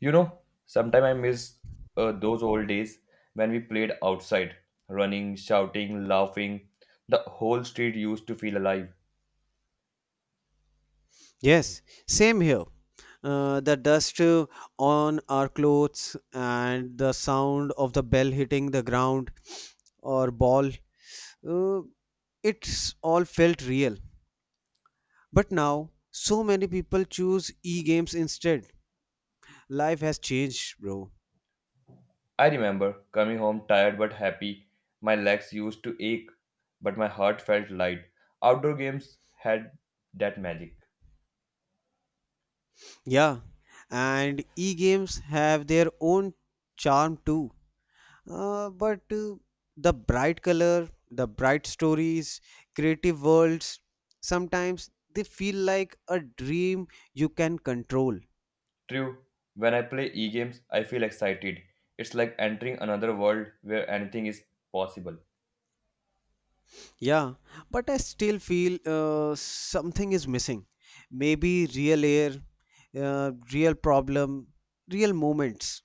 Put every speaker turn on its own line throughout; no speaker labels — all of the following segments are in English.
You know, sometimes I miss those old days when we played outside, running, shouting, laughing. The whole street used to feel alive.
Yes, same here. The dust on our clothes and the sound of the bell hitting the ground or ball, uh, it's all felt real. But now, so many people choose e games instead. Life has changed, bro.
I remember coming home tired but happy. My legs used to ache, but my heart felt light. Outdoor games had that magic.
Yeah, and e games have their own charm too. But the bright color, the bright stories, creative worlds, sometimes they feel like a dream you can control.
True, when I play e games, I feel excited. It's like entering another world where anything is possible.
Yeah, but I still feel something is missing. Maybe real air, real problem, real moments.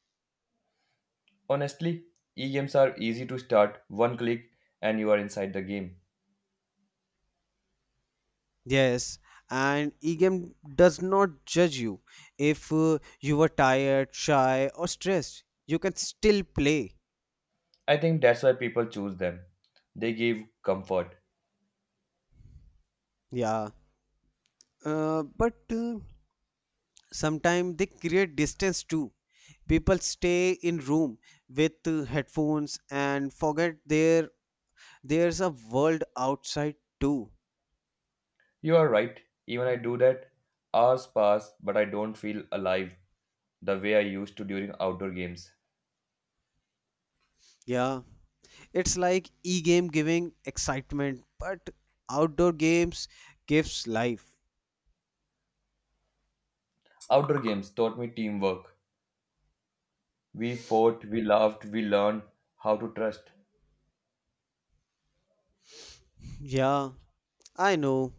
Honestly, e games are easy to start, one click, and you are inside the game.
Yes, and EGAM does not judge you. If you were tired, shy, or stressed, you can still play.
I think that's why people choose them. They give comfort.
Yeah. But sometimes they create distance too, people stay in room with headphones and forget there's a world outside too.
You are right, even I do that. Hours pass, but I don't feel alive the way I used to during outdoor games.
Yeah, it's like e-game giving excitement but outdoor games gives life.
Outdoor games taught me teamwork. We fought, we laughed, we learned how to trust.
Yeah, I know.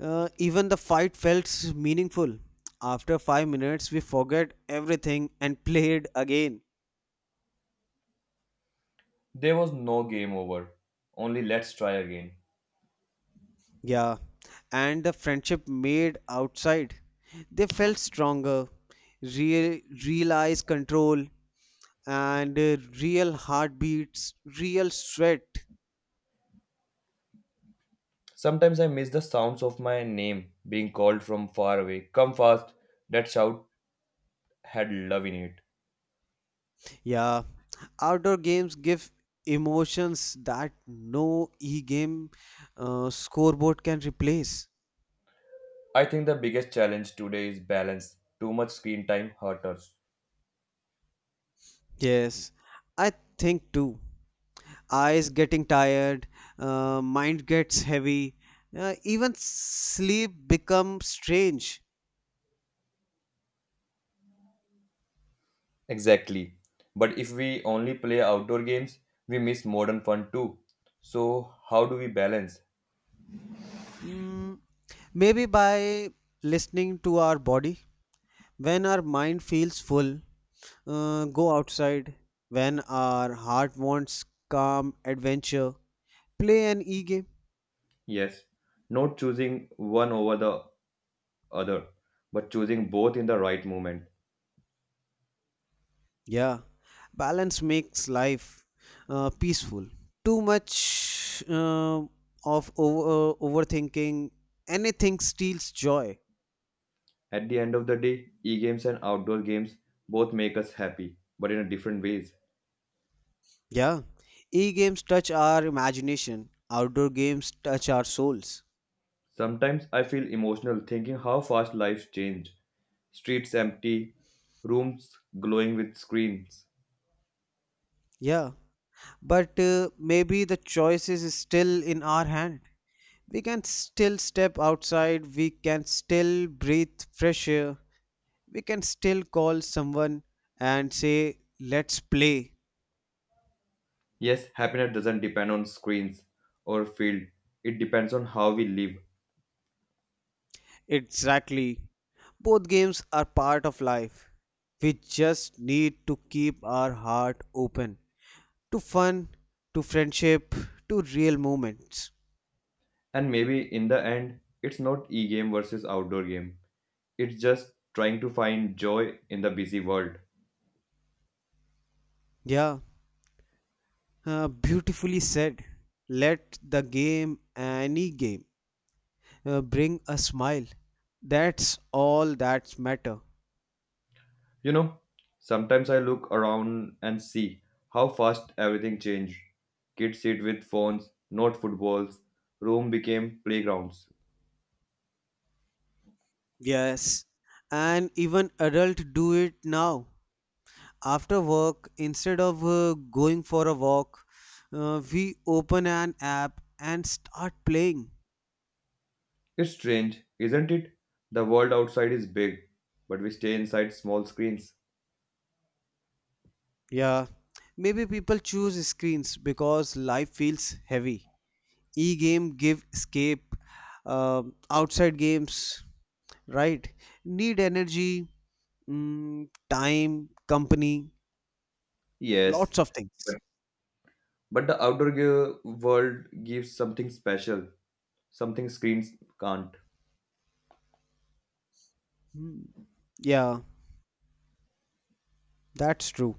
Even the fight felt meaningful. After 5 minutes we forget everything and played again.
There was no game over, only let's try again.
Yeah, and the friendship made outside. They felt stronger, real, realized control, and real heartbeats, real sweat.
Sometimes I miss the sounds of my name being called from far away. Come fast, that shout had love in it.
Yeah, outdoor games give emotions that no e-game scoreboard can replace.
I think the biggest challenge today is balance. Too much screen time hurt us.
Yes, I think too. Eyes getting tired, mind gets heavy, even sleep becomes strange.
Exactly. But if we only play outdoor games, we miss modern fun too. So, how do we balance?
Mm, maybe by listening to our body. When our mind feels full, go outside. When our heart wants calm adventure, play an e game.
Yes, not choosing one over the other, but choosing both in the right moment.
Yeah, balance makes life peaceful. Too much of overthinking, anything steals joy.
At the end of the day, e games and outdoor games both make us happy, but in a different ways.
Yeah, e games touch our imagination, outdoor games touch our souls.
Sometimes I feel emotional thinking how fast life's changed. Streets empty, rooms glowing with screens.
Yeah. But maybe the choice is still in our hand. We can still step outside, we can still breathe fresh air, we can still call someone and say, Let's play.
Yes, happiness doesn't depend on screens or field. It depends on how we live.
Exactly. Both games are part of life. We just need to keep our heart open to fun, to friendship, to real moments.
And maybe in the end, it's not e-game versus outdoor game. It's just trying to find joy in the busy world.
Yeah, beautifully said. Let the game, any game, bring a smile. That's all that matter.
You know, sometimes I look around and see how fast everything changed. Kids sit with phones, not footballs. Room became playgrounds.
Yes, and even adult do it now. After work, instead of going for a walk, we open an app and start playing.
It's strange, isn't it? The world outside is big, but we stay inside small screens.
Yeah, maybe people choose screens because life feels heavy. E-game give escape. Outside games, right? Need energy, mm, time, company,
Yes,
lots of things.
but the world gives something special, something screens can't.
Hmm. Yeah, that's true.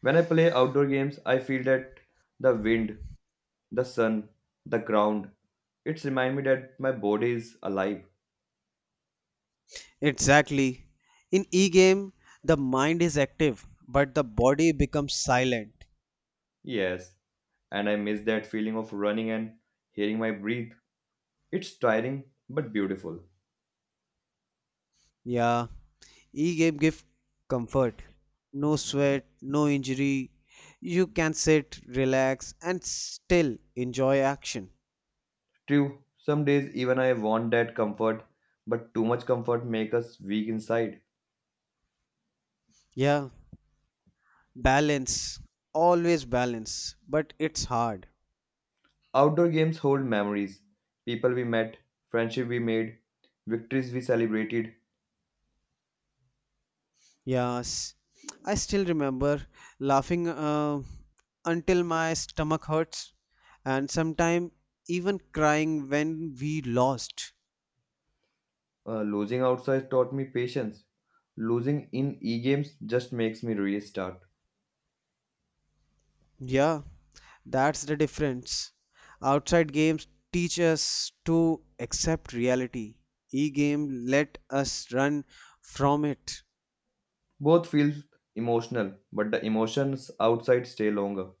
When I play outdoor games, I feel that the wind, the sun, the ground, it's remind me that my body is alive.
Exactly. In e-game, the mind is active, but the body becomes silent.
Yes, and I miss that feeling of running and hearing my breathe. It's tiring but beautiful.
Yeah, e-game give comfort. No sweat, no injury. You can sit, relax, and still enjoy action.
True, some days even I want that comfort, but too much comfort makes us weak inside.
Yeah, balance. Always balance, but it's hard.
Outdoor games hold memories people we met, friendship we made, victories we celebrated.
Yes, I still remember laughing until my stomach hurts and sometimes even crying when we lost.
Losing outside taught me patience. Losing in e games just makes me restart.
Yeah, that's the difference. Outside games teach us to accept reality. E-game let us run from it.
Both feel emotional, but the emotions outside stay longer.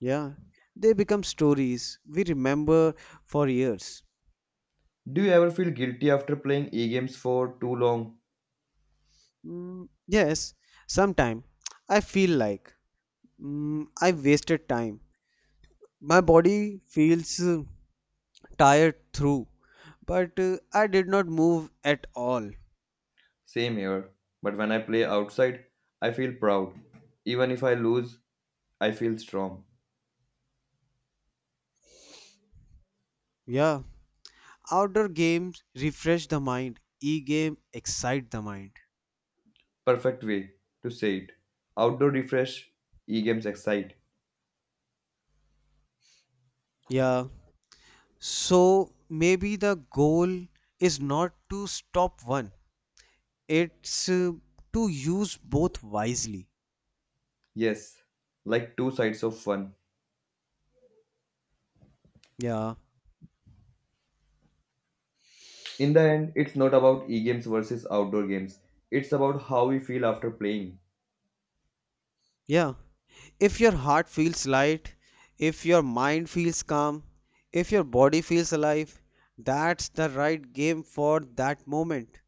Yeah, they become stories we remember for years.
Do you ever feel guilty after playing e games for too long?
Mm, yes, sometime I feel like, I wasted time. My body feels tired through, but I did not move at all.
Same here. But when I play outside, I feel proud. Even if I lose, I feel strong.
Yeah, outdoor games refresh the mind, e-game excite the mind.
Perfect way to say it. Outdoor refresh, e games excite.
Yeah, so maybe the goal is not to stop one, it's to use both wisely.
Yes, like two sides of one.
Yeah,
In the end, it's not about e games versus outdoor games, it's about how we feel after playing.
yeah. If your heart feels light, if your mind feels calm, if your body feels alive, that's the right game for that moment.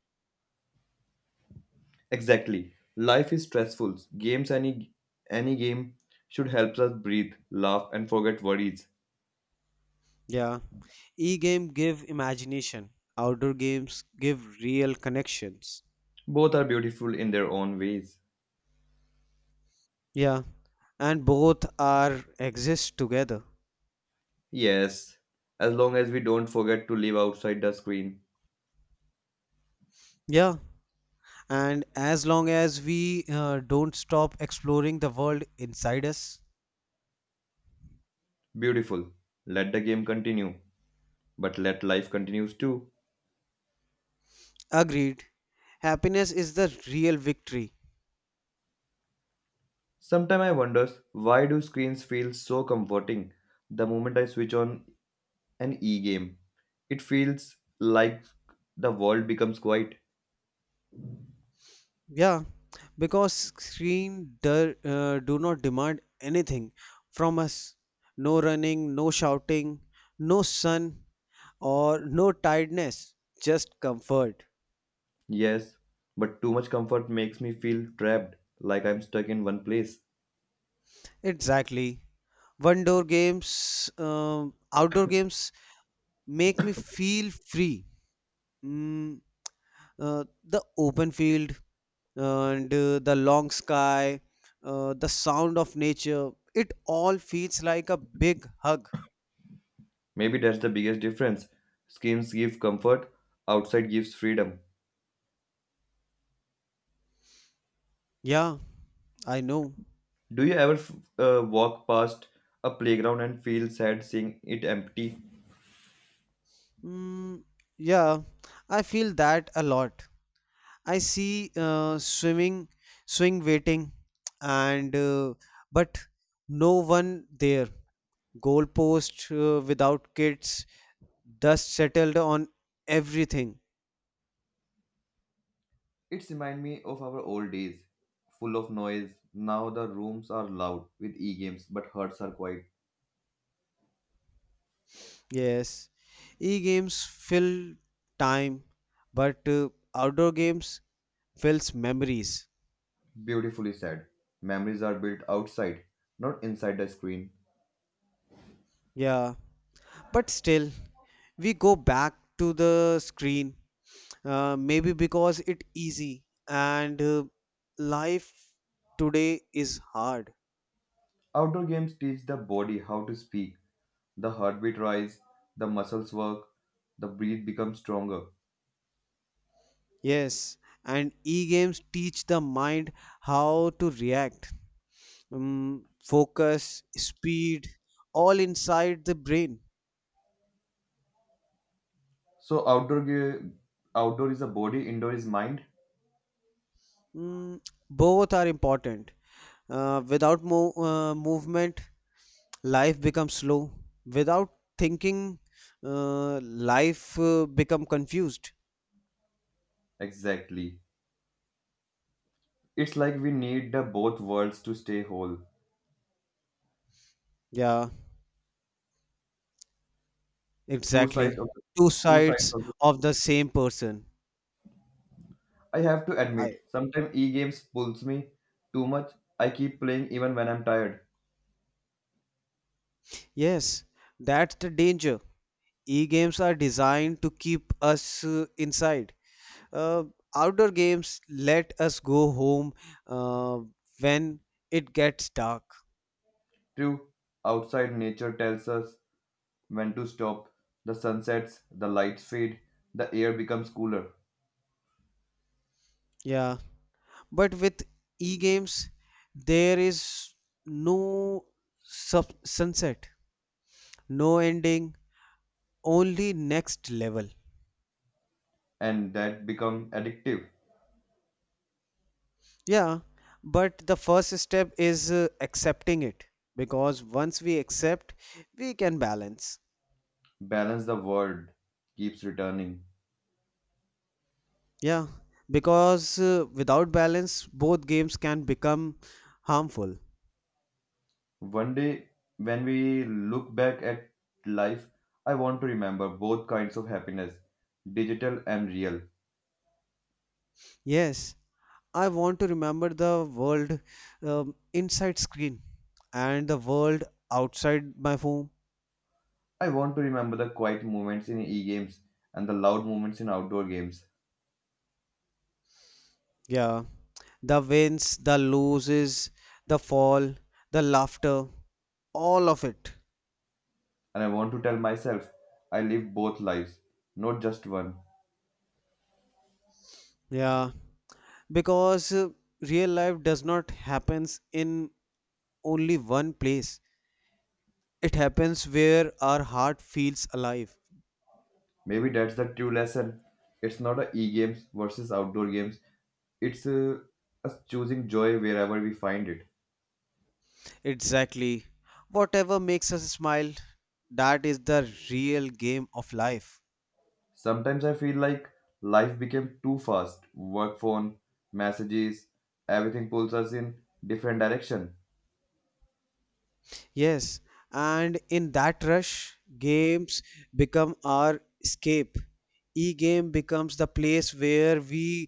Exactly. Life is stressful. Games, any game, should help us breathe, laugh, and forget worries.
Yeah. E-game give imagination. Outdoor games give real connections.
Both are beautiful in their own ways.
Yeah. And both are exist together.
Yes, as long as we don't forget to live outside the screen.
Yeah. And as long as we don't stop exploring the world inside us.
Beautiful. Let the game continue, but let life continues too.
Agreed. Happiness is the real victory.
Sometimes I wonder why do screens feel so comforting the moment I switch on an e-game. It feels like the world becomes quiet.
Yeah, because screen do not demand anything from us. No running, no shouting, no sun or no tiredness, just comfort.
Yes, but too much comfort makes me feel trapped, like I'm stuck in one place.
Exactly. Outdoor games make me feel free. Mm, the open field and the long sky, the sound of nature, it all feels like a big hug.
Maybe that's the biggest difference. Screens give comfort, outside gives freedom.
Yeah, I know.
Do you ever f- Walk past a playground and feel sad seeing it empty?
Mm, yeah, I feel that a lot. I see swimming, swing waiting, and but no one there. Goalpost without kids, dust settled on everything.
It reminds me of our old days, full of noise. Now the rooms are loud with e-games, but hearts are quiet.
Yes, e-games fill time, but outdoor games fills memories.
Beautifully said. Memories are built outside, not inside the screen.
Yeah, but still, we go back to the screen. Maybe because it easy and life today is hard.
Outdoor games teach the body how to speak. The heartbeat rise, the muscles work, the breath becomes stronger.
Yes, and e-games teach the mind how to react, focus, speed, all inside the brain.
So outdoor is a body, indoor is mind.
Mm, both are important. Without mo- movement, life becomes slow. Without thinking, life become confused.
Exactly. It's like we need the both worlds to stay whole.
Yeah.
Two sides
Exactly.
of the,
Two
two sides
sides
of
of the same person.
I have to
I,
admit, sometimes e-games pulls me too much. I keep playing even when I'm tired.
yes, that's the danger. E games are designed to keep us inside. Uh, Outdoor games let us go home uh, when it gets dark.
True, outside nature tells us when to stop. The sun sets, the lights fade, the air becomes cooler,
Yeah, but with e games, there is no sunset, no ending, only next level.
and that become addictive.
Yeah, but the first step is accepting it because once we accept, we can balance.
Balance the world keeps returning.
Yeah, because without balance, both games can become harmful.
One day, when we look back at life, I want to remember both kinds of happiness, digital and real.
Yes, I want to remember the world inside screen and the world outside my phone.
I want to remember the quiet moments in e-games and the loud moments in outdoor games.
Yeah, the wins, the loses, the fall, the laughter, all of it.
And I want to tell myself I live both lives, not just one.
Yeah, because real life does not happens in only one place. It happens where our heart feels alive.
Maybe that's the true lesson. It's not a e-games versus outdoor games. It's Us choosing joy wherever we find it.
Exactly, whatever makes us smile, that is the real game of life.
Sometimes I feel like life became too fast. Work phone, messages, everything pulls us in different direction.
Yes, and in that rush, games become our escape. E game becomes the place where we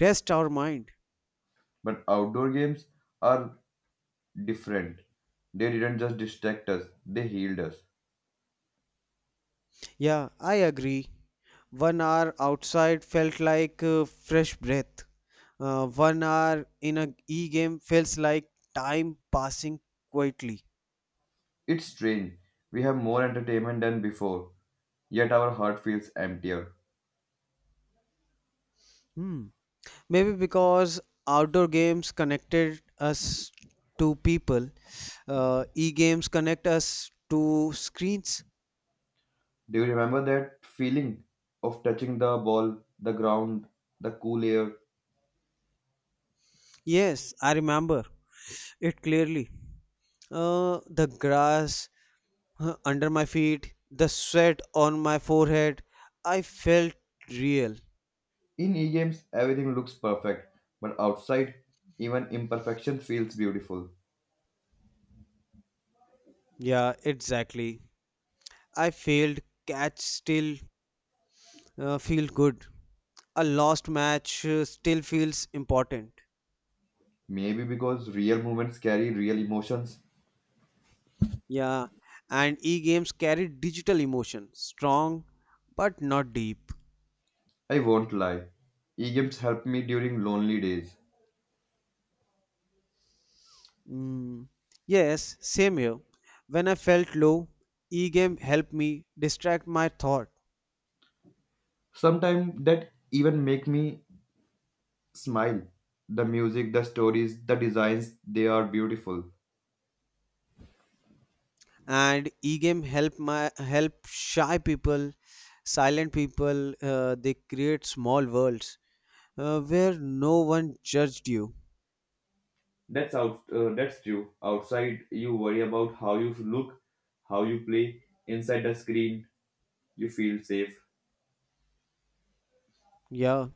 rest our mind.
But outdoor games are different. They didn't just distract us, they healed us.
Yeah, I agree. 1 hour outside felt like fresh breath. 1 hour in a e game feels like time passing quietly.
It's strange. We have more entertainment than before, yet our heart feels emptier.
Hmm. Maybe because outdoor games connected us to people, e games connect us to screens.
Do you remember that feeling of touching the ball, the ground, the cool air?
Yes, I remember it clearly. The grass under my feet, the sweat on my forehead, I felt real.
In e games, everything looks perfect, but outside, even imperfection feels beautiful.
Yeah, exactly. I failed, catch still feel good. A lost match still feels important.
Maybe because real moments carry real emotions.
Yeah, and e-games carry digital emotion, strong but not deep.
I won't lie. E games help me during lonely days.
Mm. Yes, same here. When I felt low, e-game helped me distract my thought,
Sometimes that even make me smile. The music, the stories, the designs, they are beautiful.
and e-game help shy people, silent people. They create small worlds where no one judged you.
That's true. Outside, you worry about how you look, how you play. Inside the screen, you feel safe.
Yeah.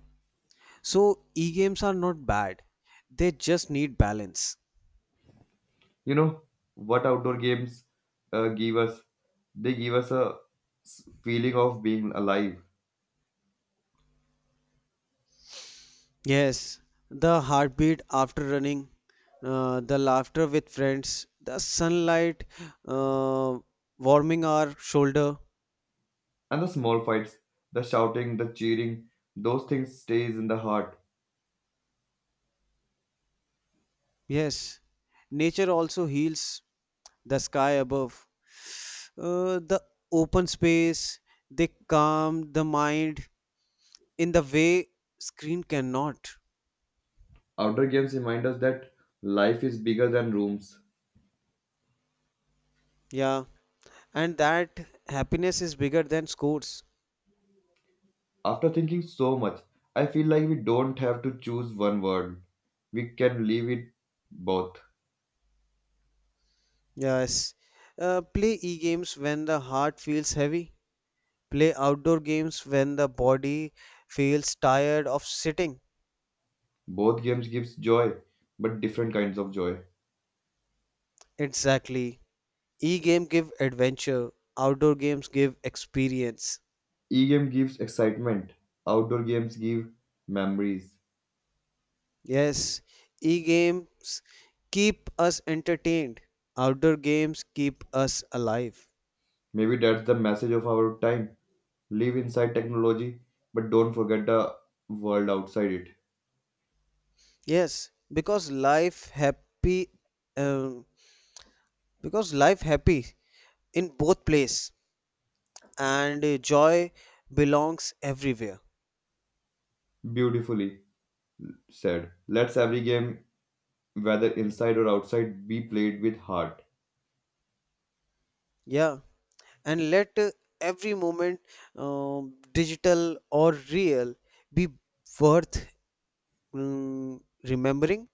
So e-games are not bad. They just need balance.
You know what outdoor games give us? They give us a feeling of being alive.
Yes. The heartbeat after running, the laughter with friends, the sunlight uh, warming our shoulder.
And the small fights, the shouting, the cheering, those things stays in the heart.
Yes. Nature also heals the sky above. The open space, they calm the mind in the way screen cannot.
Outdoor games remind us that life is bigger than rooms.
Yeah. And that happiness is bigger than scores.
After thinking so much, I feel like we don't have to choose one word. We can leave it both.
Yes. Play e-games when the heart feels heavy. Play outdoor games when the body feels tired of sitting.
Both games gives joy, but different kinds of joy.
Exactly. E-game give adventure. Outdoor games give experience.
E-game gives excitement. Outdoor games give memories.
Yes. E-games keep us entertained. Outdoor games keep us alive.
Maybe that's the message of our time. Live inside technology, but don't forget the world outside it.
Yes, um, because life happy in both place, and joy belongs everywhere.
Beautifully said. Let's every game, whether inside or outside, be played with heart.
Yeah, and let every moment, digital or real, be worth, remembering.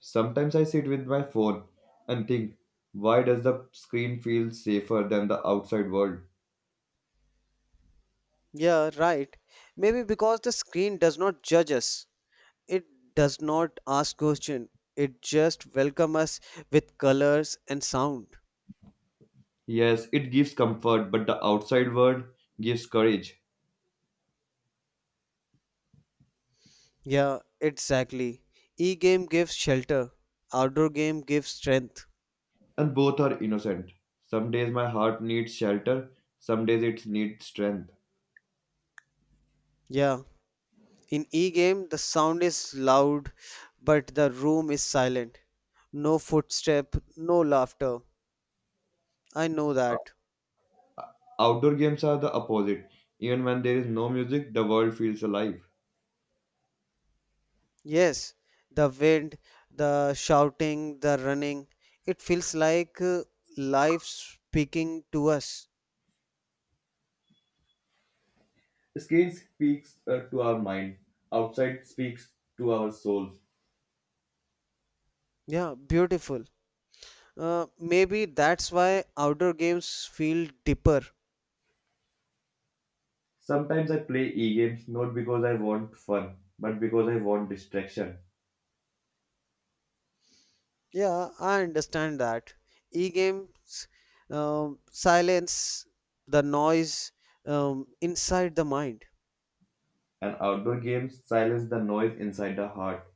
Sometimes I sit with my phone and think, why does the screen feel safer than the outside world?
Yeah, right, maybe because the screen does not judge us, it does not ask question, it just welcome us with colors and sound.
Yes, it gives comfort, but the outside world gives courage,
Yeah, exactly, e-game gives shelter, outdoor game gives strength.
and both are innocent. Some days my heart needs shelter, some days it needs strength.
Yeah. In e-game, the sound is loud, but the room is silent. No footstep, no laughter. I know that.
Outdoor games are the opposite. Even when there is no music, the world feels alive.
Yes, the wind, the shouting, the running. It feels like life speaking to us.
Screen speaks to our mind, outside speaks to our soul.
Yeah, beautiful. Maybe that's why outdoor games feel deeper.
Sometimes I play e-games not because I want fun, but because I want distraction.
Yeah, I understand that. E-games, silence the noise inside the mind.
And outdoor games silence the noise inside the heart.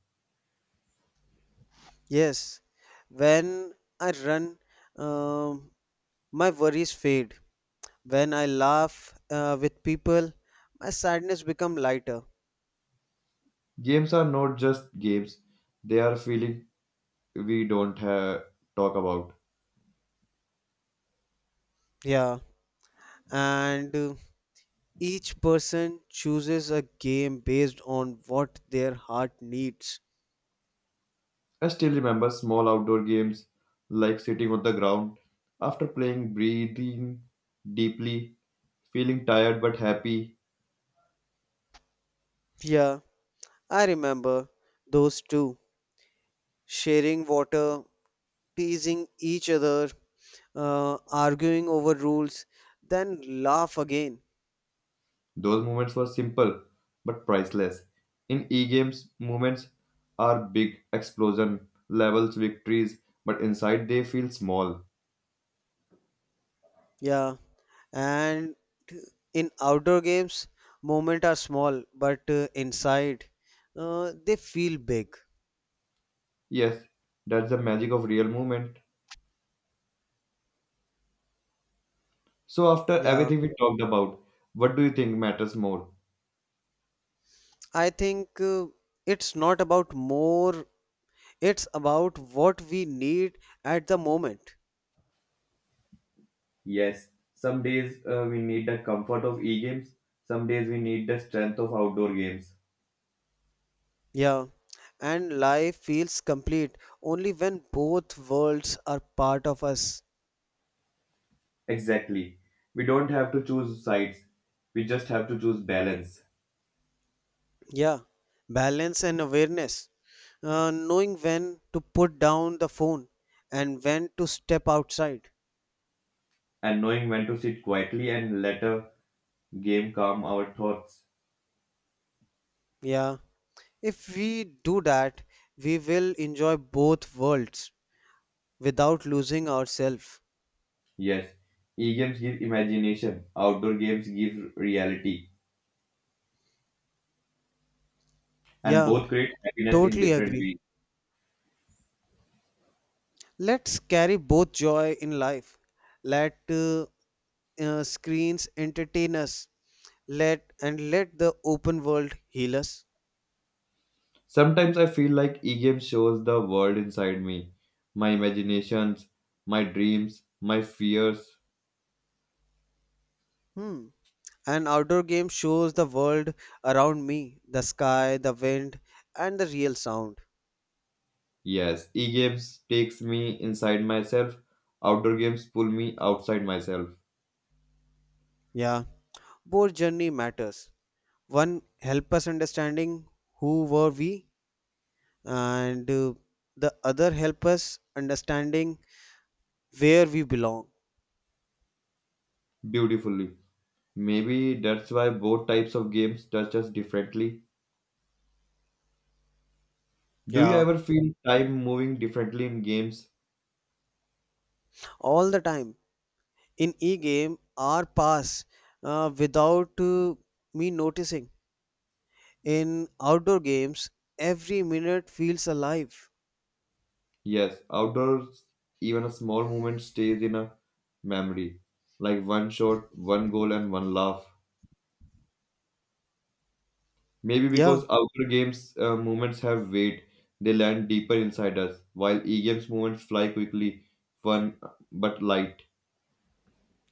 Yes, when I run, um, my worries fade. When I laugh with people, my sadness become lighter.
Games are not just games, they are feeling we don't have talk about.
Yeah, and each person chooses a game based on what their heart needs.
I still remember small outdoor games like sitting on the ground after playing breathing deeply, feeling tired but happy.
Yeah, I remember those two sharing water, teasing each other, uh, arguing over rules, then laugh again.
Those moments were simple but priceless. In e-games, moments are big explosion levels victories, but inside they feel small.
Yeah, and in outdoor games, moments are small, but inside, they feel big.
Yes, that's the magic of real movement. So after
Yeah,
everything we talked about, what do you think matters more?
I think it's not about more, it's about what we need at the moment.
Yes, some days we need the comfort of e-games. Some days we need the strength of outdoor games.
Yeah, and life feels complete only when both worlds are part of us.
Exactly. We don't have to choose sides. We just have to choose balance.
Yeah, balance and awareness. Knowing when to put down the phone and when to step outside.
And knowing when to sit quietly and let a game calm our thoughts.
Yeah, if we do that, we will enjoy both worlds without losing ourselves.
Yes, e games give imagination, outdoor games give reality, and
Yeah,
both create happiness in
totally
different
agree.
ways.
Let's carry both joy in life. Let screens entertain us. Let and let the open world heal us.
Sometimes I feel like e games shows the world inside me, my imaginations, my dreams, my fears.
Hmm. An outdoor game shows the world around me, the sky, the wind, and the real sound.
Yes, e games takes me inside myself, outdoor games pull me outside myself
Yeah, both journey matters. One help us understanding who were we, and the other help us understanding where we belong.
beautifully. Maybe that's why both types of games touch us differently. Do you
Yeah,
ever feel time moving differently in games?
all the time. In e-game, hour pass without me noticing. In outdoor games, every minute feels alive.
Yes, outdoors, even a small moment stays in a memory, like one shot, one goal, and one laugh. Maybe
Yeah.
because outdoor games moments have weight, they land deeper inside us, while e-games moments fly quickly, fun but light.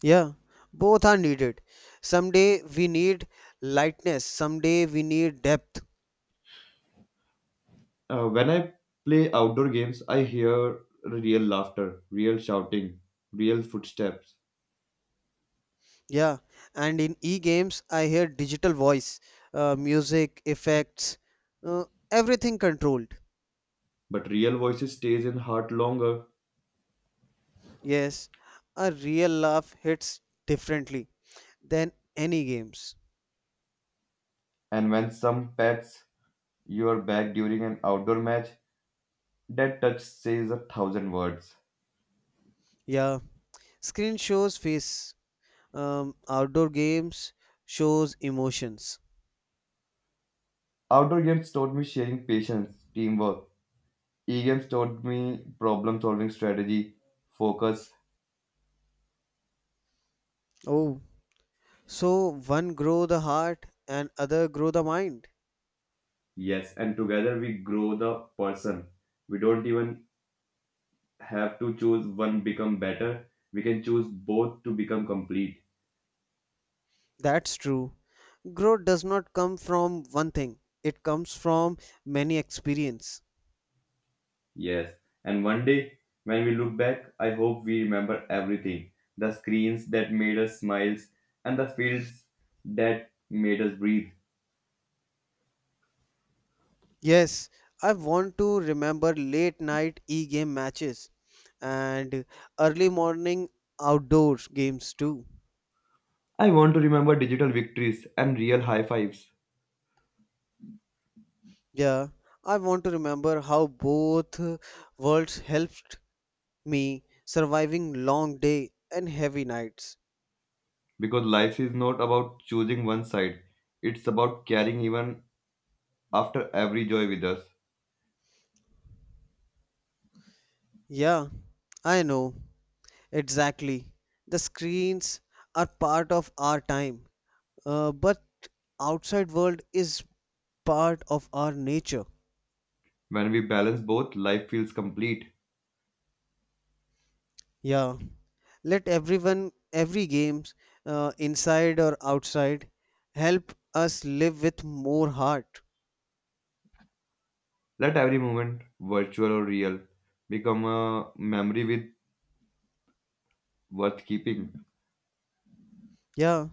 Yeah, both are needed. Someday we need lightness, someday we need depth.
When I play outdoor games, I hear real laughter, real shouting, real footsteps,
Yeah, and in e-games, I hear digital voice, music, effects, uh, everything controlled.
but real voices stays in heart longer.
Yes, a real laugh hits differently than any games.
And when some pets You are back during an outdoor match. That touch says a thousand words.
Yeah, screen shows face. Outdoor games shows emotions.
Outdoor games taught me sharing patience, teamwork. E games taught me problem solving strategy, focus.
Oh, so one grow the heart and other grow the mind.
Yes, and together we grow the person. We don't even have to choose one become better. We can choose both to become complete.
That's true. Growth does not come from one thing, it comes from many experience.
Yes, and one day when we look back, I hope we remember everything the screens that made us smiles and the fields that made us breathe.
Yes, I want to remember late night e-game matches and early morning outdoor games too.
I want to remember digital victories and real high fives
Yeah, I want to remember how both worlds helped me surviving long day and heavy nights.
because life is not about choosing one side, it's about carrying even after every joy with us.
Yeah, I know. Exactly. The screens are part of our time, but outside world is part of our nature.
When we balance both, life feels complete.
Yeah, let everyone every games, inside or outside, help us live with more heart.
Let every moment, virtual or real, become a memory with worth keeping.
Yeah,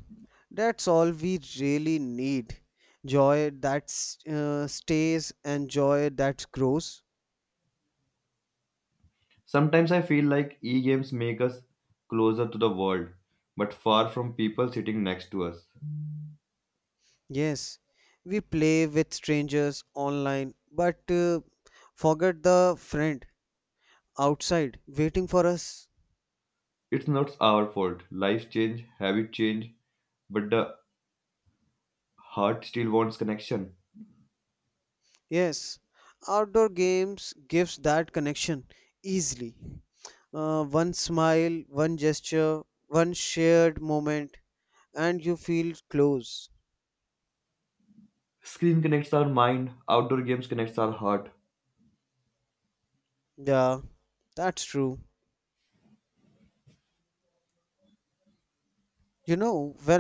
that's all we really need, joy that stays and joy that grows.
Sometimes I feel like e games make us closer to the world, but far from people sitting next to us.
Yes, we play with strangers online but forget the friend outside waiting for us.
It's not our fault. Life change, habit change, but the heart still wants connection.
Yes, outdoor games gives that connection easily. One smile, one gesture, one shared moment, and you feel close.
Screen connects our mind, outdoor games connects our heart.
Yeah, that's true. You know, when